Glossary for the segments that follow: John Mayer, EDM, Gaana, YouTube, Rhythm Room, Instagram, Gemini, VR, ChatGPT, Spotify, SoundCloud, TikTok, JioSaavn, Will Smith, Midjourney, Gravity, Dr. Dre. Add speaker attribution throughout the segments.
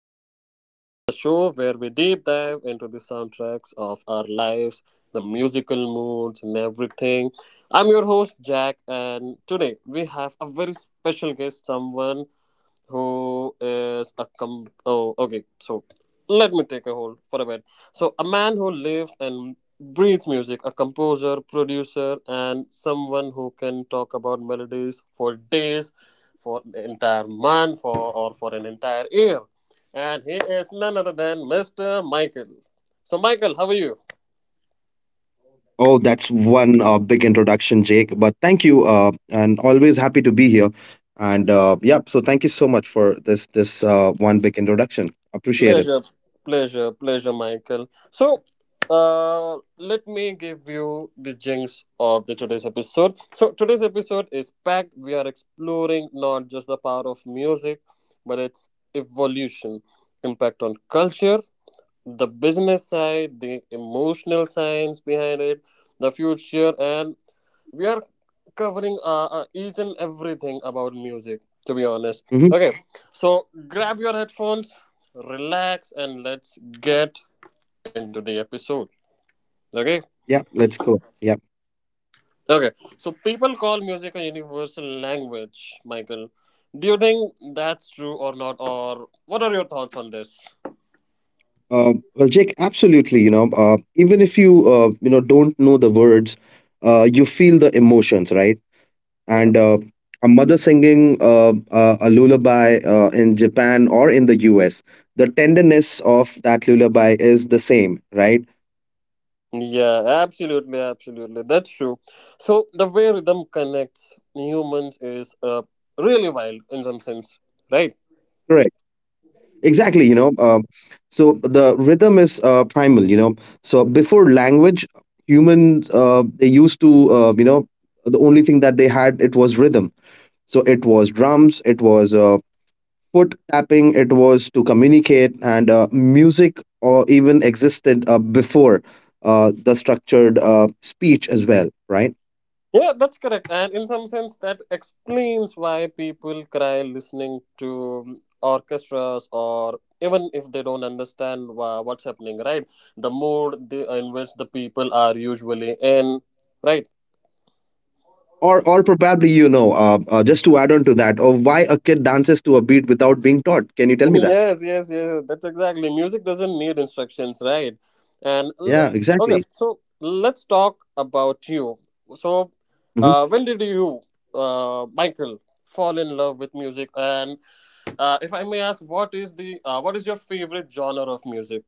Speaker 1: Room, the show where we deep dive into the soundtracks of our lives, the musical moods, and everything. I'm your host, Jack, and today we have a very special guest, someone who is a okay, so let me take a hold for a bit, so a man who lives and breathes music, a composer, producer, and someone who can talk about melodies for days, for the entire month, for or for an entire year. And he is none other than Mr. Michael. So Michael, how are you?
Speaker 2: Oh, that's one big introduction, Jake. But thank you, and always happy to be here. And yeah, so thank you so much for this one big introduction. Appreciate it.
Speaker 1: Pleasure, pleasure, pleasure, Michael. So, let me give you the jinx of the today's episode. So, today's episode is packed. We are exploring not just the power of music, but its evolution, impact on culture, the business side, the emotional science behind it, the future, and we are covering each and everything about music, to be honest.
Speaker 2: hmm
Speaker 1: Okay, so grab your headphones, relax, and let's get into the episode. Okay,
Speaker 2: Yeah, let's go. Yeah.
Speaker 1: okay, so people call music a universal language, Michael. Do you think that's true or not, or what are your thoughts on this?
Speaker 2: Well, Jake, absolutely. You know, even if you you know don't know the words, you feel the emotions, right?
Speaker 1: Yeah.
Speaker 2: And a mother singing a lullaby in Japan or in the U.S., the tenderness of that lullaby is the same, right?
Speaker 1: Yeah, absolutely, absolutely. That's true. So the way rhythm connects humans is really wild in some sense, right?
Speaker 2: Correct. Exactly, you know. So the rhythm is primal, you know. So before language, humans they used to, the only thing that they had it was rhythm. So it was drums, it was foot tapping, it was to communicate, and music or even existed before the structured speech as well, right?
Speaker 1: Yeah, that's correct. And in some sense, that explains why people cry listening to orchestras, or even if they don't understand what's happening, right? The mood in which the people are usually in, right?
Speaker 2: Or probably you know, just to add on to that, or why a kid dances to a beat without being taught? Can you tell me that?
Speaker 1: Yes, yes, yes, that's exactly, music doesn't need instructions, right? and l-
Speaker 2: Yeah,
Speaker 1: okay,
Speaker 2: exactly.
Speaker 1: so let's talk about you. So when did you, Michael, fall in love with music? And if I may ask, what is the what is your favorite genre of music?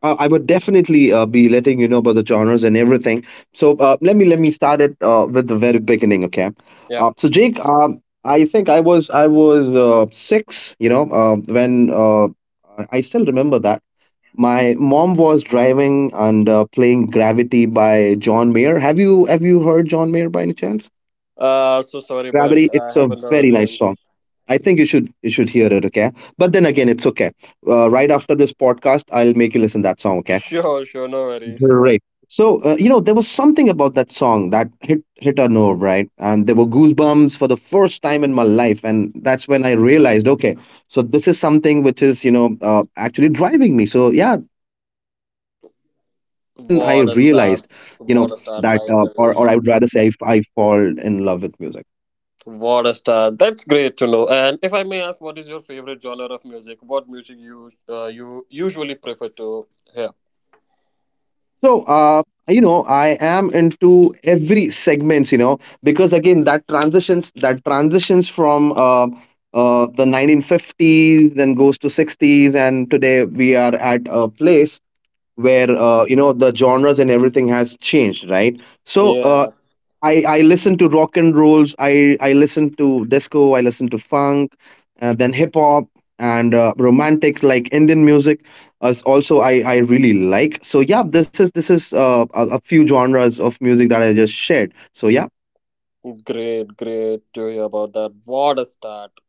Speaker 2: I would definitely be letting you know about the genres and everything. So let me start it with the very beginning, okay?
Speaker 1: Yeah.
Speaker 2: So Jake, I think I was six, you know, when uh, I still remember that my mom was driving and playing Gravity by John Mayer. Have you heard John Mayer by any chance?
Speaker 1: So sorry, but
Speaker 2: Gravity,
Speaker 1: I
Speaker 2: it's a
Speaker 1: haven't heard
Speaker 2: very nice
Speaker 1: him.
Speaker 2: song. I think you should hear it, okay? But then again, it's okay. Right after this podcast, I'll make you listen that song, okay?
Speaker 1: Sure, sure, no worries.
Speaker 2: Right. So, you know, there was something about that song that hit a nerve, right? And there were goosebumps for the first time in my life, and that's when I realized, okay, so this is something which is, you know, actually driving me. So, yeah, that's when I realized, you know,
Speaker 1: What a
Speaker 2: that,
Speaker 1: start! What a
Speaker 2: or I
Speaker 1: start,
Speaker 2: would rather say,
Speaker 1: Michael!
Speaker 2: I fall in love with music.
Speaker 1: What a star! That's great to know. And if I may ask, what is your favorite genre of music? What music you you usually prefer to hear?
Speaker 2: So, you know, I am into every segments, you know, because again, that transitions from the 1950s and goes to 60s, and today we are at a place where you know the genres and everything has changed, right? So,
Speaker 1: Yeah,
Speaker 2: I listen to rock and rolls. I listen to disco. I listen to funk, then hip hop and romantics like Indian music. As also, I really like. So yeah, this is a few genres of music that I just shared. So yeah.
Speaker 1: great, great to hear about that. What a start!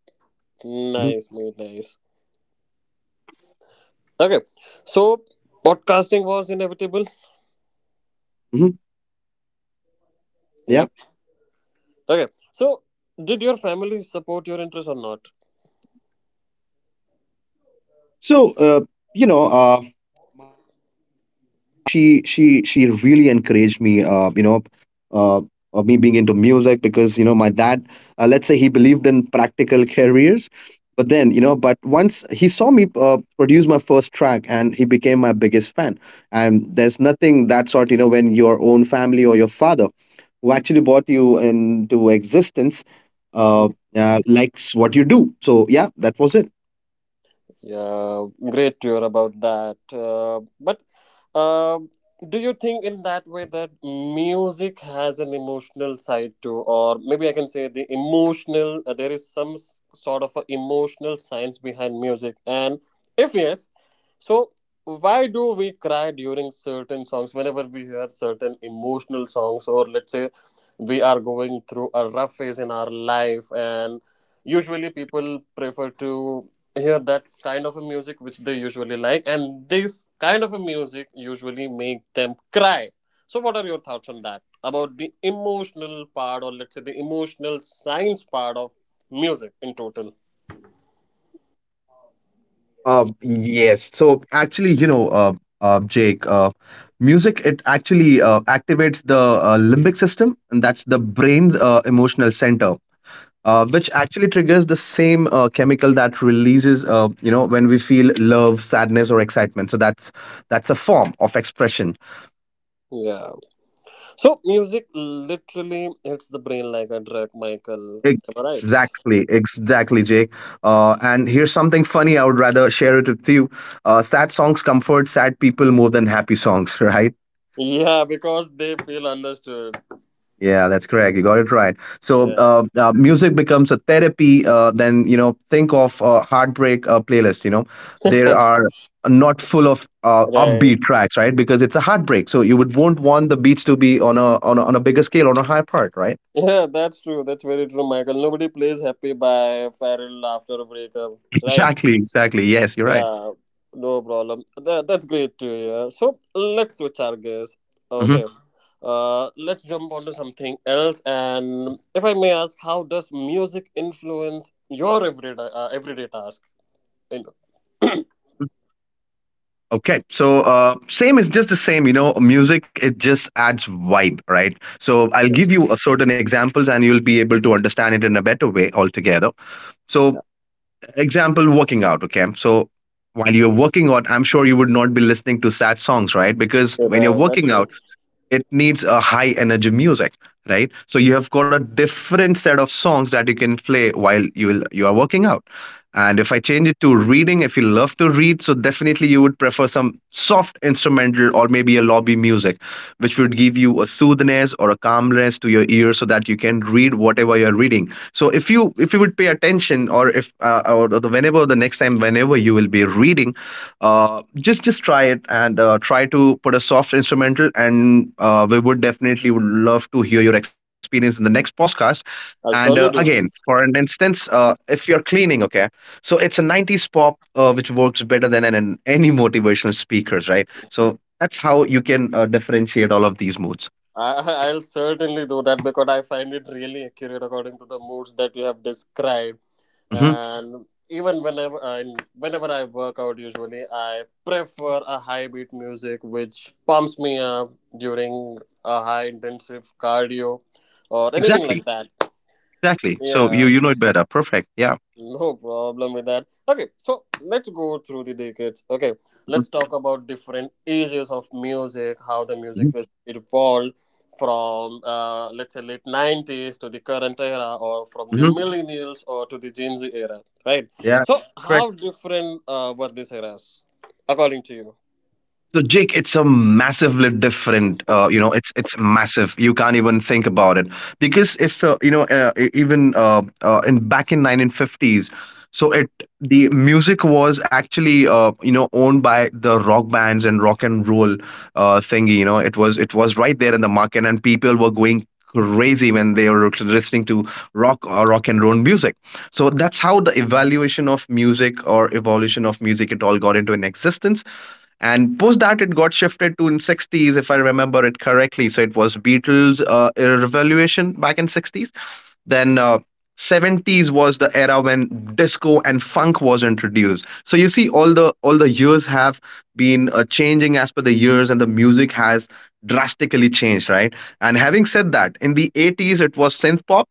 Speaker 2: hmm
Speaker 1: Nice, mate, nice. Okay, so podcasting was inevitable.
Speaker 2: hmm
Speaker 1: Yep.
Speaker 2: yeah.
Speaker 1: Okay, so did your family support your interest or not?
Speaker 2: So you know. My mom she really encouraged me you know uh of me being into music because you know my dad, let's say he believed in practical careers, but then you know but once he saw me produce my first track and he became my biggest fan. And there's nothing that sort you know when your own family or your father, who actually brought you into existence, uh, likes what you do. So yeah, that was it.
Speaker 1: Yeah, great to hear about that. But um do you think in that way that music has an emotional side too, or maybe I can say the emotional? There is some sort of a emotional science behind music, and if yes, so why do we cry during certain songs whenever we hear certain emotional songs, or let's say we are going through a rough phase in our life and usually people prefer to hear that kind of a music which they usually like, and this kind of a music usually make them cry. So what are your thoughts on that about the emotional part, or let's say the emotional science part of music in total?
Speaker 2: Yes. So actually, you know, Jake, music it actually activates the limbic system, and that's the brain's emotional center, which actually triggers the same chemical that releases, you know, when we feel love, sadness, or excitement. So that's a form of expression.
Speaker 1: Yeah. So music literally hits the brain like a drug, Michael, am I right?
Speaker 2: Exactly, exactly, Jake. And here's something funny. I would rather share it with you. Sad songs comfort sad people more than happy songs, right?
Speaker 1: Yeah, because they feel understood.
Speaker 2: Yeah, that's correct. You got it right. So,
Speaker 1: Yeah.
Speaker 2: music becomes a therapy. Then you know, think of a heartbreak playlist. You know, there are not full of
Speaker 1: Right.
Speaker 2: upbeat tracks, right? Because it's a heartbreak, so you would won't want the beats to be on a on a bigger scale, on a higher part, right?
Speaker 1: Yeah, that's true, that's very true, Michael. Nobody plays Happy by Farrell after a breakup. Right.
Speaker 2: Exactly, exactly. Yes, you're right.
Speaker 1: Yeah, no problem. That, that's great to hear. So let's switch our gears.
Speaker 2: hmm
Speaker 1: Okay. Let's jump onto something else. And if I may ask, how does music influence your everyday everyday task? You know.
Speaker 2: Okay, so same is just the same. You know, music it just adds vibe, right? So I'll
Speaker 1: Yeah.
Speaker 2: give you a certain examples, and you'll be able to understand it in a better way altogether. So example working out, okay, so while you're working out, I'm sure you would not be listening to sad songs, right? Because
Speaker 1: Yeah,
Speaker 2: when you're
Speaker 1: right, that's
Speaker 2: working out
Speaker 1: true.
Speaker 2: it needs a high energy music, right? So you have got a different set of songs that you can play while you are working out. And if I change it to reading, if you love to read, so definitely you would prefer some soft instrumental or maybe a lobby music, which would give you a soothingness or a calmness to your ear so that you can read whatever you're reading. So if you would pay attention or if or the, whenever the next time whenever you will be reading, just try it and try to put a soft instrumental and we would definitely would love to hear your experience in the next podcast. And
Speaker 1: I'll surely
Speaker 2: again,
Speaker 1: do.
Speaker 2: for an instance, if you're cleaning, okay, so it's a 90s pop which works better than any motivational speakers, right? So that's how you can differentiate all of these moods.
Speaker 1: I, I'll certainly do that because I find it really accurate according to the moods that you have described.
Speaker 2: hmm
Speaker 1: And even whenever I work out, usually I prefer a high beat music which pumps me up during a high intensive cardio or anything
Speaker 2: Exactly,
Speaker 1: like that.
Speaker 2: exactly. So you
Speaker 1: Yeah.
Speaker 2: you know it better. Perfect. Yeah.
Speaker 1: No problem with that. Okay, so let's go through the decades. Okay, let's talk about different ages of music, how the
Speaker 2: hmm
Speaker 1: music was evolved from let's say late 90s to the current era, or from the
Speaker 2: hmm
Speaker 1: millennials or to the Gen Z era, right?
Speaker 2: Yeah.
Speaker 1: So
Speaker 2: Correct.
Speaker 1: how different were these eras according to you?
Speaker 2: So Jake, it's a massively different. You know, it's massive. You can't even think about it because if you know, e- even in back in 1950s, so it the music was actually you know owned by the rock bands and rock and roll thingy. You know, it was right there in the market, and people were going crazy when they were listening to rock or rock and roll music. So that's how the evaluation of music or evolution of music it all got into an existence. And post that it got shifted to in 60s, if I remember it correctly, so it was Beatles revolution back in 60s. Then 70s was the era when disco and funk was introduced. So you see all the years have been changing as per the years and the music has drastically changed, right? And having said that, in the 80s it was synth pop,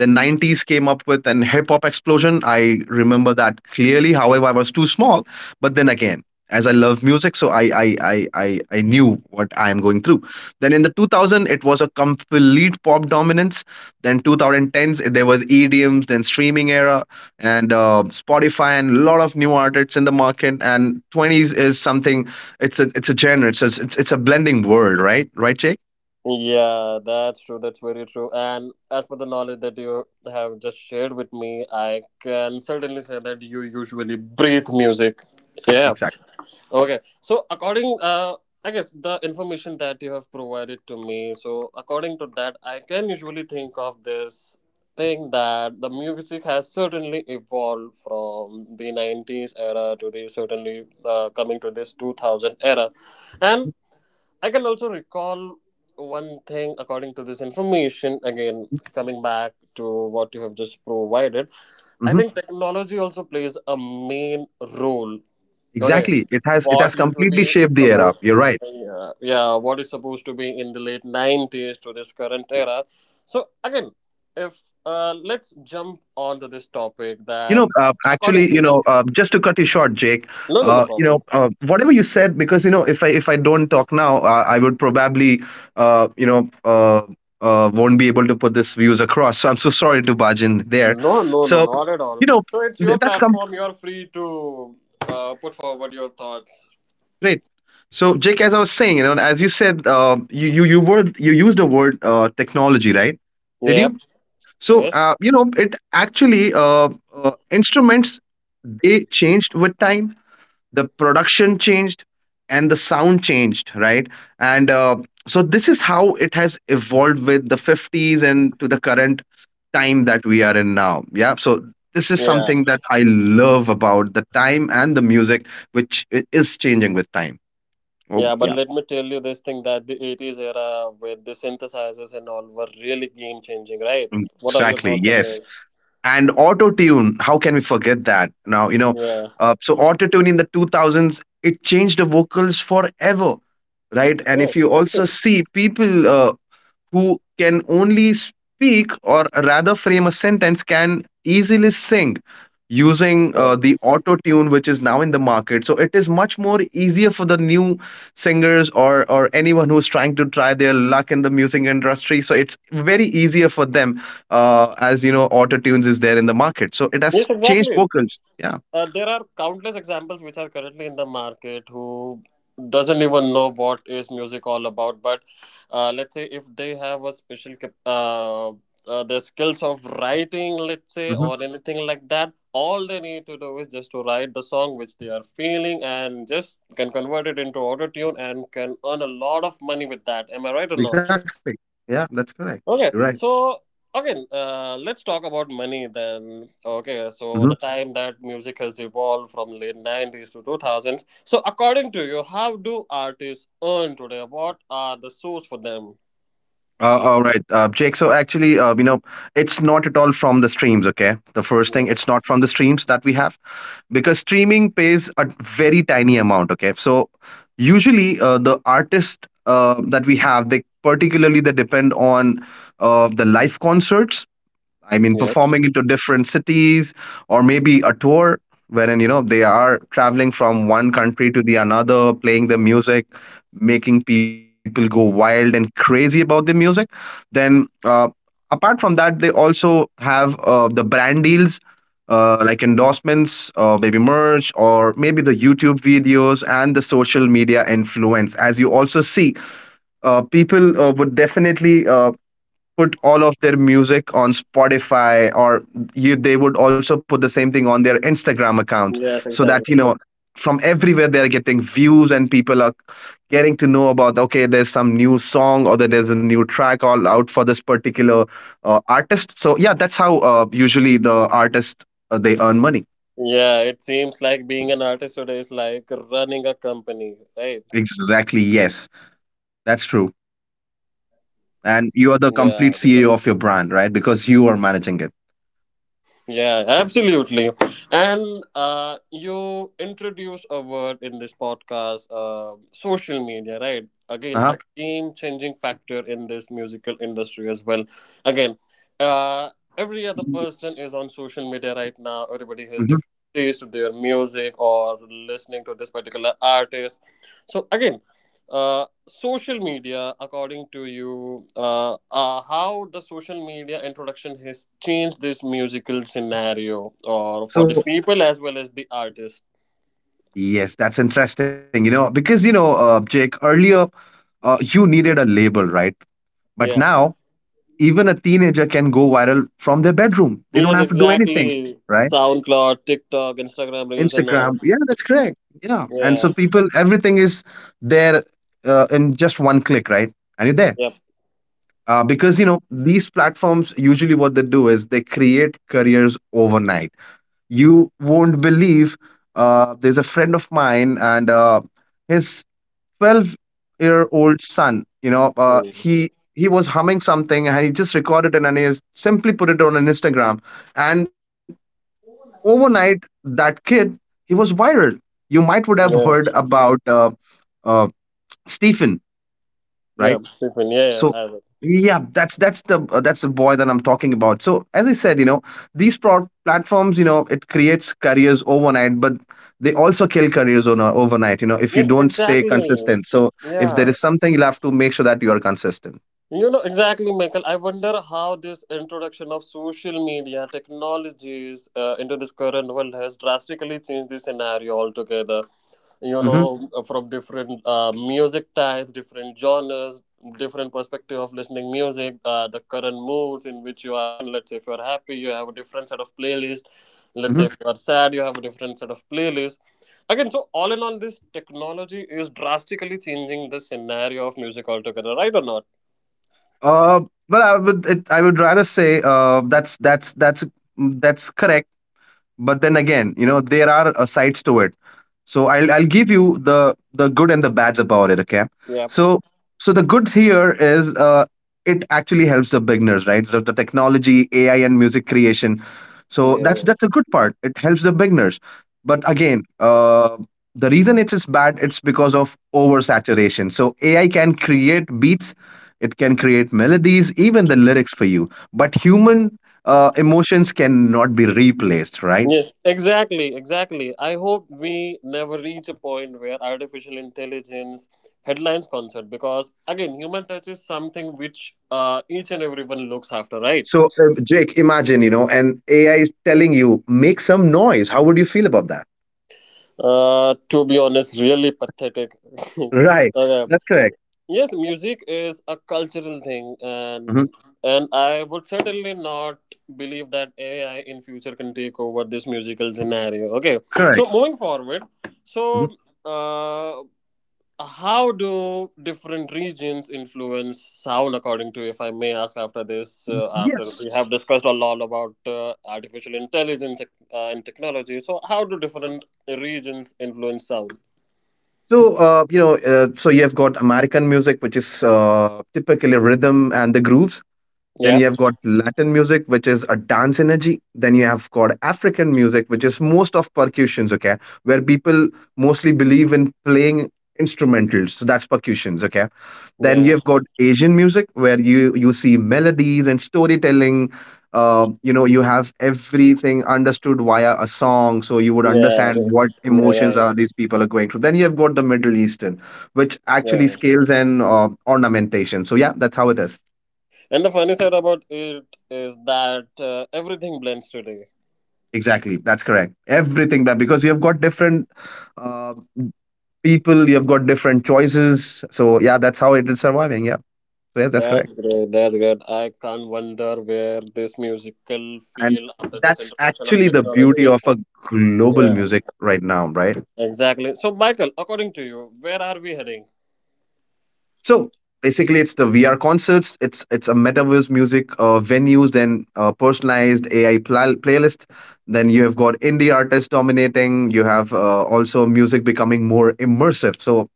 Speaker 2: the 90s came up with an hip hop explosion. I remember that clearly, however I was too small, but then again, as I love music, so I knew what I am going through. Then in the 2000, it was a complete pop dominance. Then 2010s, there was EDMs, then streaming era, and Spotify, and a lot of new artists in the market. And 20s is something. It's a genre. So it's a blending world, right? Right, Jake?
Speaker 1: Yeah, that's true. That's very true. And as per the knowledge that you have just shared with me, I can certainly say that you usually breathe music. Yeah.
Speaker 2: Exactly.
Speaker 1: Okay. So according I guess the information that you have provided to me, so according to that I can usually think of this thing that the music has certainly evolved from the 90s era to the certainly coming to this 2000 era. And I can also recall one thing according to this information, again coming back to what you have just provided. I
Speaker 2: hmm
Speaker 1: think technology also plays a main role. Okay,
Speaker 2: Exactly. It
Speaker 1: what
Speaker 2: has
Speaker 1: usually
Speaker 2: completely
Speaker 1: is
Speaker 2: shaped the era.
Speaker 1: supposed,
Speaker 2: You're right.
Speaker 1: yeah, yeah, what is supposed to be in the late '90s to this current era. So again, if let's jump onto this topic
Speaker 2: You
Speaker 1: that
Speaker 2: know,
Speaker 1: according
Speaker 2: actually,
Speaker 1: to
Speaker 2: you
Speaker 1: you,
Speaker 2: know, just to cut you short, Jake.
Speaker 1: no, no, no
Speaker 2: You know,
Speaker 1: problem.
Speaker 2: whatever you said, because you know, if I don't talk now, I would probably, uh, you know, uh, won't be able to put this views across. So I'm so sorry to barge in there.
Speaker 1: No, no, no,
Speaker 2: So,
Speaker 1: not at all.
Speaker 2: you know,
Speaker 1: So it's your
Speaker 2: that's come
Speaker 1: platform. You're free to put forward your thoughts.
Speaker 2: great. So, Jake, as I was saying, you know, as you said, you used the word technology, right? Did
Speaker 1: Yep.
Speaker 2: you? So,
Speaker 1: Yes.
Speaker 2: you know, it actually instruments they changed with time, the production changed, and the sound changed, right? And so this is how it has evolved with the 50s and to the current time that we are in now. Yeah, so this is something
Speaker 1: Yeah.
Speaker 2: that I love about the time and the music, which is changing with time. Oh
Speaker 1: Yeah, but
Speaker 2: yeah.
Speaker 1: let me tell you this thing that the 80s era with the synthesizers and all were really game changing, right?
Speaker 2: Mm,
Speaker 1: What are your
Speaker 2: exactly
Speaker 1: thoughts on
Speaker 2: yes.
Speaker 1: this?
Speaker 2: And auto tune, how can we forget that now, you know.
Speaker 1: Yeah.
Speaker 2: So auto tune in the 2000s it changed the vocals forever, right? And if
Speaker 1: Yes,
Speaker 2: you
Speaker 1: that's true.
Speaker 2: also see people who can only speak or rather frame a sentence can easily sing using
Speaker 1: Yeah.
Speaker 2: the auto tune which is now in the market, so it is much more easier for the new singers or anyone who's trying to try their luck in the music industry, so it's very easier for them. As you know auto tunes is there in the market, so it
Speaker 1: Yes,
Speaker 2: has
Speaker 1: exactly.
Speaker 2: changed vocals. Yeah.
Speaker 1: There are countless examples which are currently in the market who doesn't even know what is music all about. But let's say if they have a special the skills of writing, let's say,
Speaker 2: hmm
Speaker 1: or anything like that, all they need to do is just to write the song which they are feeling and just can convert it into auto tune and can earn a lot of money with that. Am I right or not?
Speaker 2: exactly. Yeah, that's correct. You're right.
Speaker 1: Okay, so again, let's talk about money then. Okay,
Speaker 2: Mm-hmm.
Speaker 1: so the time that music has evolved from late 90s to 2000s. So according to you, how do artists earn today? What are the source for them?
Speaker 2: All right, Jake. So actually, you know, it's not at all from the streams. Okay, the first thing,
Speaker 1: Yeah.
Speaker 2: it's not from the streams that we have because streaming pays a very tiny amount. Okay, so usually the artist that we have, they particularly they depend on the live concerts. I mean,
Speaker 1: Yeah.
Speaker 2: performing into different cities, or maybe a tour wherein, you know, they are traveling from one country to the another, playing the music, making people go wild and crazy about the music. Then, apart from that, they also have the brand deals. Like endorsements, maybe merch, or maybe the YouTube videos and the social media influence. As you also see, people would definitely put all of their music on Spotify, or they would also put the same thing on their Instagram accounts,
Speaker 1: Yes,
Speaker 2: so that you
Speaker 1: exactly.
Speaker 2: know, from everywhere they're getting views, and people are getting to know about, okay, there's some new song, or that there's a new track all out for this particular artist. So yeah, that's how usually the artist, they earn money.
Speaker 1: Yeah, it seems like being an artist today is like running a company, right?
Speaker 2: Exactly, yes, that's true. And
Speaker 1: Yeah.
Speaker 2: you are the complete CEO of your brand, right? Because you are managing it.
Speaker 1: Yeah, absolutely. And you introduce a word in this podcast, social media, right? Again,
Speaker 2: Uh-huh.
Speaker 1: a game changing factor in this musical industry as well. Again, uh, every other person
Speaker 2: Yes.
Speaker 1: is on social media right now. Everybody has
Speaker 2: Hmm.
Speaker 1: different taste to their music or listening to this particular artist. So, again, uh, social media according to you how the social media introduction has changed this musical scenario or for the
Speaker 2: So
Speaker 1: people as well as the artist.
Speaker 2: yes, that's interesting. You know, because you know, Jake, earlier you needed a label, right?
Speaker 1: Yeah,
Speaker 2: But now even a teenager can go viral from their bedroom. They don't
Speaker 1: yes,
Speaker 2: have to do anything,
Speaker 1: exactly,
Speaker 2: right?
Speaker 1: SoundCloud, TikTok, Instagram reels, and all.
Speaker 2: Instagram. Yeah, that's correct. Yeah, and
Speaker 1: Yeah.
Speaker 2: so people, everything is there, in just one click, right? And you're there.
Speaker 1: Yep.
Speaker 2: Because you know these platforms usually what they do is they create careers overnight. You won't believe. There's a friend of mine, and his 12-year-old son, you know, uh,
Speaker 1: Hmm.
Speaker 2: he he was humming something, and he just recorded it, and he has simply put it on an Instagram, and overnight that kid, he was viral. You might would have heard
Speaker 1: Yeah,
Speaker 2: about uh, Stephen,
Speaker 1: yeah,
Speaker 2: right?
Speaker 1: Stephen, yeah, yeah
Speaker 2: So
Speaker 1: I will.
Speaker 2: yeah, that's the that's the boy that I'm talking about. So as I said, you know, these platforms, you know, it creates careers overnight, but they also kill careers on overnight, you know, if you
Speaker 1: Yes,
Speaker 2: don't stay
Speaker 1: exactly.
Speaker 2: consistent. So if there
Speaker 1: Yeah.
Speaker 2: is something, you'll have to make sure that you are consistent.
Speaker 1: You know, exactly, Michael. I wonder how this introduction of social media technologies into this current world has drastically changed the scenario altogether. You
Speaker 2: Hmm.
Speaker 1: know, from different music types, different genres, different perspective of listening music, the current moods in which you are in. Let's say if you are happy, you have a different set of playlist. Let's say
Speaker 2: Hmm.
Speaker 1: if you are sad, you have a different set of playlist. Again, so all in all, this technology is drastically changing the scenario of music altogether, right or not?
Speaker 2: uh but I would rather say that's that's correct. But then again, you know, there are sides to it. So I'll give you the good and the bads about it, okay.
Speaker 1: Yeah.
Speaker 2: So so the good here is it actually helps the beginners, right? So the technology, AI and music creation, so that's
Speaker 1: Yeah.
Speaker 2: that's a good part. It helps the beginners. But again, the reason it's bad, it's because of oversaturation. So AI can create beats, it can create melodies, even the lyrics for you, but human emotions cannot be replaced, right?
Speaker 1: Yes, exactly, exactly. I hope we never reach a point where artificial intelligence headlines concert, because again, human touch is something which each and everyone looks after, right?
Speaker 2: So, Jake, imagine, you know, and AI is telling you, make some noise. How would you feel about that?
Speaker 1: To be honest, really pathetic.
Speaker 2: Right.
Speaker 1: Okay.
Speaker 2: That's correct.
Speaker 1: Yes, music is a cultural thing,
Speaker 2: Mhm.
Speaker 1: and I would certainly not believe that AI in future can take over this musical scenario. Okay,
Speaker 2: Correct.
Speaker 1: so moving forward,
Speaker 2: Mhm.
Speaker 1: so. Uh, how do different regions influence sound? According to, if I may ask, after this after we
Speaker 2: Yes.
Speaker 1: have discussed a lot about artificial intelligence and technology, so how do different regions influence sound?
Speaker 2: So, so you've got American music, which is typically rhythm and the grooves. Then you
Speaker 1: Yep.
Speaker 2: have got Latin music, which is a dance energy. Then you have got African music, which is most of percussions, okay, where people mostly believe in playing instrumentals. So that's percussions, okay. Then you
Speaker 1: Yeah,
Speaker 2: have got Asian music, where you see melodies and storytelling. You have everything understood via a song, so you would understand what
Speaker 1: yeah, right.
Speaker 2: emotions are these people are going through. Then you have got the Middle Eastern, which actually
Speaker 1: Yeah,
Speaker 2: scales and ornamentation. So yeah, that's how it is.
Speaker 1: and the funny side about it is that everything blends today.
Speaker 2: Exactly, that's correct. Everything, that because you have got different uh, people, you have got different choices. So yeah, that's how it is surviving. Yeah, so yes, that's correct.
Speaker 1: That's great, that's great. I can't wonder where this musical
Speaker 2: And
Speaker 1: feel after this
Speaker 2: that's
Speaker 1: introduction of
Speaker 2: actually the beauty
Speaker 1: technology.
Speaker 2: of a global
Speaker 1: Yeah.
Speaker 2: music right now, right?
Speaker 1: Exactly. So, Michael, according to you, where are we heading?
Speaker 2: So basically, it's the VR concerts. It's a metaverse music venues, then personalized AI playlist. Then you have got indie artists dominating. You have also music becoming more immersive. So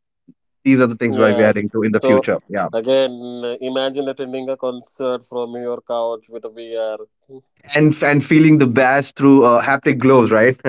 Speaker 2: these are the things where we're
Speaker 1: Yes.
Speaker 2: heading to in the
Speaker 1: So,
Speaker 2: future. Yeah.
Speaker 1: again, imagine attending a concert from your couch with a VR.
Speaker 2: And feeling the bass through haptic gloves, right?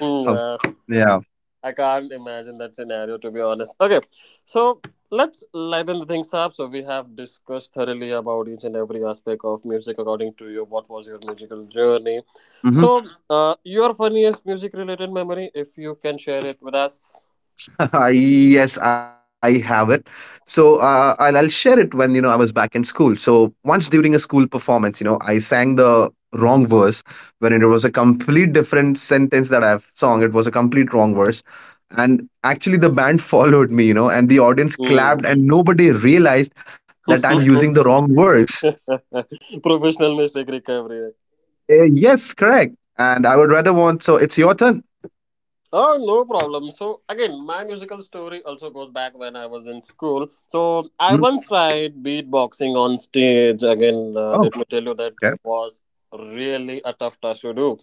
Speaker 1: Hmm,
Speaker 2: Of-
Speaker 1: yeah.
Speaker 2: yeah.
Speaker 1: I can't imagine that scenario, to be honest. Okay. So, let's lighten the things up. So, we have discussed thoroughly about each and every aspect of music according to you. What was your musical journey?
Speaker 2: Hmm.
Speaker 1: So, your funniest music related memory, if you can share it with us.
Speaker 2: Yes, I have it. So I'll share it. When you know I was back in school, so once during a school performance, you know, I sang the wrong verse when it was a complete different sentence that I've sung. It was a complete wrong verse. And actually, the band followed me, you know, and the audience
Speaker 1: Hmm.
Speaker 2: clapped, and nobody realized that I'm using the wrong words.
Speaker 1: Professional mistake recovery.
Speaker 2: Yes, correct. And I would rather want. So it's your turn.
Speaker 1: Oh, no problem. So, again, my musical story also goes back when I was in school. So, I once tried beatboxing on stage. Again,
Speaker 2: Mhm.
Speaker 1: let me tell you that
Speaker 2: Okay.
Speaker 1: it was really a tough task to do.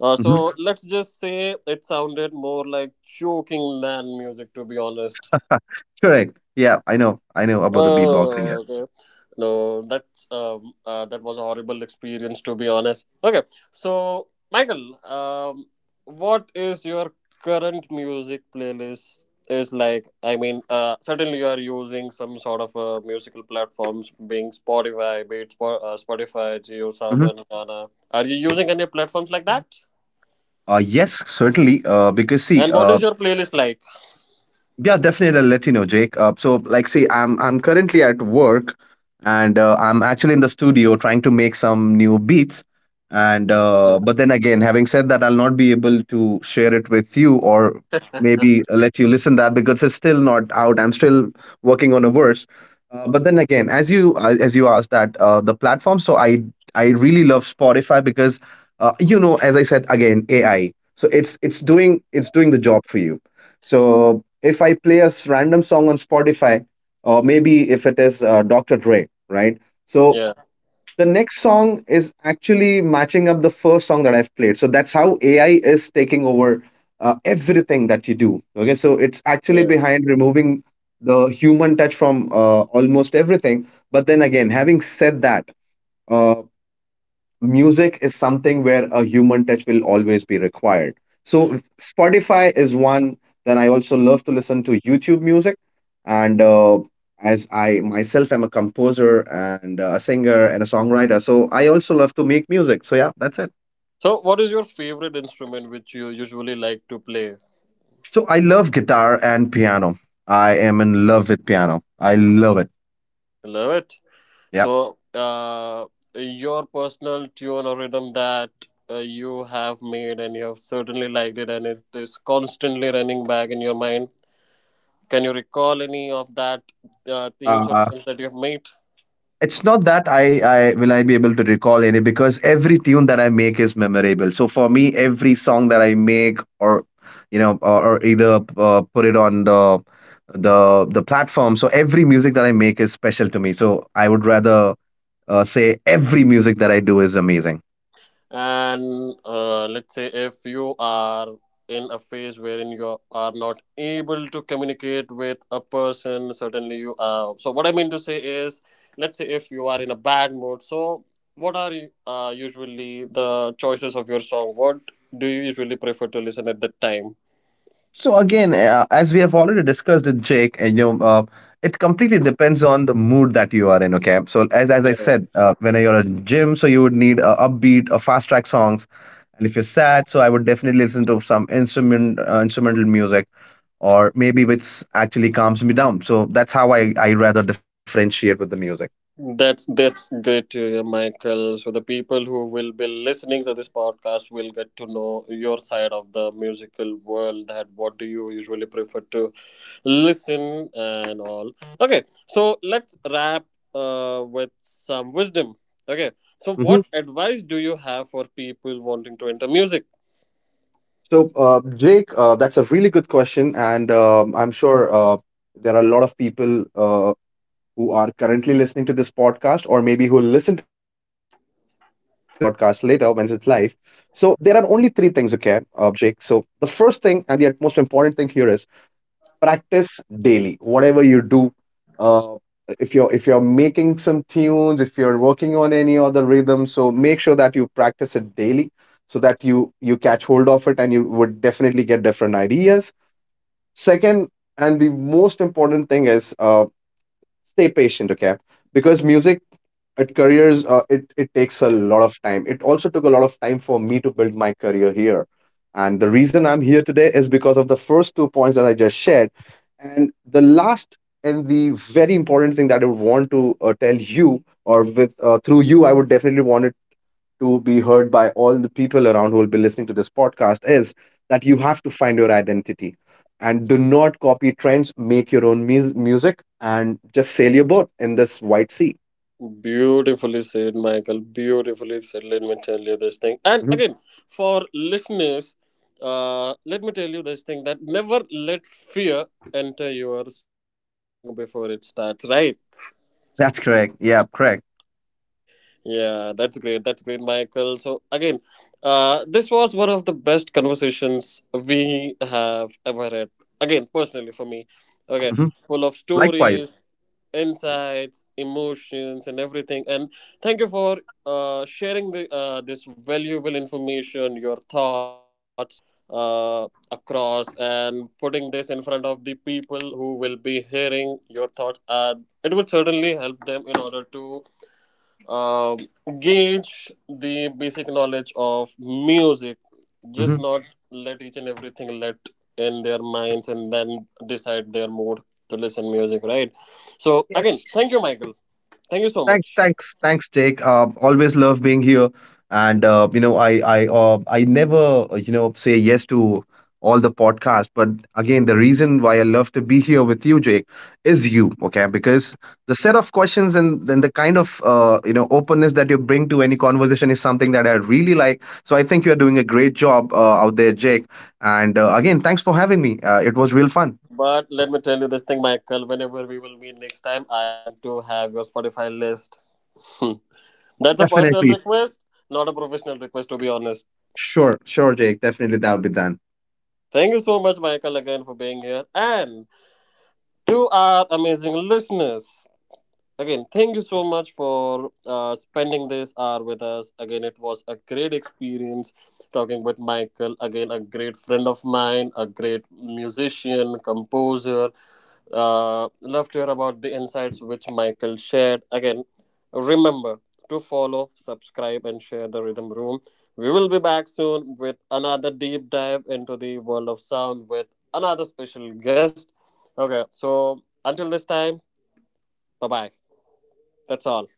Speaker 2: Mhm.
Speaker 1: So, let's just say it sounded more like choking man music, to be honest.
Speaker 2: Correct. Yeah, I know. I know about the beatboxing. Yeah.
Speaker 1: Oh, okay. No, that's that was a horrible experience, to be honest. Okay, so Michael, what is your current music playlist? Is like, I mean, certainly you are using some sort of musical platforms, being Spotify, be it Spotify,
Speaker 2: Hmm.
Speaker 1: JioSaavn, Gaana. Are you using any platforms like that?
Speaker 2: Yes, certainly.
Speaker 1: And what is your playlist like?
Speaker 2: Yeah, definitely. I'll let you know, Jake. I'm currently at work, and I'm actually in the studio trying to make some new beats. And
Speaker 1: Yeah.
Speaker 2: but then again, having said that, I'll not be able to share it with you, or maybe let you listen that because it's still not out. I'm still working on a verse. But then again, as you asked that the platform, so I really love Spotify because you know, as I said again, AI. So it's doing, it's doing the job for you. So if I play a random song on Spotify, or maybe if it is Dr. Dre, right? So
Speaker 1: Yeah,
Speaker 2: the next song is actually matching up the first song that I've played. So that's how AI is taking over everything that you do. Okay, so it's actually
Speaker 1: yeah.
Speaker 2: behind removing the human touch from almost everything. But then again, having said that, uh, music is something where a human touch will always be required. So Spotify is one. Then I also love to listen to YouTube music, and as I myself am a composer and a singer and a songwriter, so I also love to make music. So yeah, that's it.
Speaker 1: So, what is your favorite instrument which you usually like to play?
Speaker 2: So I love guitar and piano. I am in love with piano. I love it.
Speaker 1: Love it.
Speaker 2: Yeah.
Speaker 1: So, your personal tune or rhythm that you have made and you have certainly liked it, and it is constantly running back in your mind. Can you recall any of that themes or
Speaker 2: Uh,
Speaker 1: rhythms that you have made?
Speaker 2: it's not that I will I be able to recall any, because every tune that I make is memorable. So for me, every song that I make, or you know or either put it on the the platform. So every music that I make is special to me. So I would rather say every music that I do is amazing.
Speaker 1: And let's say if you are in a phase wherein you are not able to communicate with a person certainly you so what I mean to say is, let's say if you are in a bad mood, so what are you, usually the choices of your song, what do you usually prefer to listen at that time?
Speaker 2: So again, as we have already discussed with Jake, it completely depends on the mood that you are in. Okay, so as I said,
Speaker 1: Yeah,
Speaker 2: when you're at gym, so you would need upbeat, fast track songs, and if you're sad, so I would definitely listen to some instrumental music, or maybe which actually calms me down. So that's how I rather differentiate with the music.
Speaker 1: that's great to hear, Michael. So the people who will be listening to this podcast will get to know your side of the musical world, that what do you usually prefer to listen and all. Okay, so let's wrap with some wisdom. Okay, so
Speaker 2: Hmm.
Speaker 1: what advice do you have for people wanting to enter music?
Speaker 2: So Jake, that's a really good question, and um, I'm sure there are a lot of people who are currently listening to this podcast or maybe who listen to this podcast later once it's live. So there are only three things, okay, Jake. So the first thing and the most important thing here is practice daily. Whatever you do, uh, if you're making some tunes, if you're working on any other rhythm, so make sure that you practice it daily, so that you catch hold of it and you would definitely get different ideas. Second, and the most important thing is stay patient, okay, because music at careers, it takes a lot of time. It also took a lot of time for me to build my career here, and the reason I'm here today is because of the first two points that I just shared. And the last and the very important thing that I would want to tell you, or with through you I would definitely want to be heard by all the people around who will be listening to this podcast, is that you have to find your identity, and do not copy trends, make your own music, and just sail your boat in this white sea.
Speaker 1: Beautifully said, Michael, beautifully said. Let me tell you this thing, and
Speaker 2: Mhm.
Speaker 1: again, for listeners, let me tell you this thing, that never let fear enter your song before it starts, right?
Speaker 2: That's correct. Yeah, correct.
Speaker 1: Yeah, that's great. That's great, Michael. So again, this was one of the best conversations we have ever had. Again, personally for me, okay,
Speaker 2: Hmm.
Speaker 1: full of
Speaker 2: Likewise.
Speaker 1: stories, insights, emotions, and everything. And thank you for sharing the this valuable information, your thoughts across, and putting this in front of the people who will be hearing your thoughts. And it would certainly help them in order to uh, gauge the basic knowledge of music, just
Speaker 2: Hmm.
Speaker 1: not let each and everything let in their minds and then decide their mood to listen music, right? So again,
Speaker 2: Yes.
Speaker 1: thank you, Michael, thank you so
Speaker 2: Thanks,
Speaker 1: much.
Speaker 2: thanks, thanks, Jake. Always love being here, and you know, I never, you know, say yes to all the podcasts. But again, the reason why I love to be here with you, Jake, is you. Okay, because the set of questions and then the kind of, you know, openness that you bring to any conversation is something that I really like. So I think you are doing a great job out there, Jake. And again, thanks for having me. It was real fun.
Speaker 1: But let me tell you this thing, Michael, whenever we will meet next time, I want to have your Spotify list. Hmm. That's a personal
Speaker 2: Definitely,
Speaker 1: request, not a professional request, to be honest.
Speaker 2: sure, sure, Jake. Definitely, that will be done.
Speaker 1: Thank you so much, Michael, again, for being here. And to our amazing listeners, again, thank you so much for spending this hour with us. Again, it was a great experience talking with Michael. Again, a great friend of mine, a great musician, composer. Love to hear about the insights which Michael shared. Again, remember to follow, subscribe, and share the Rhythm Room. We will be back soon with another deep dive into the world of sound with another special guest. Okay, so until this time, bye bye. That's all.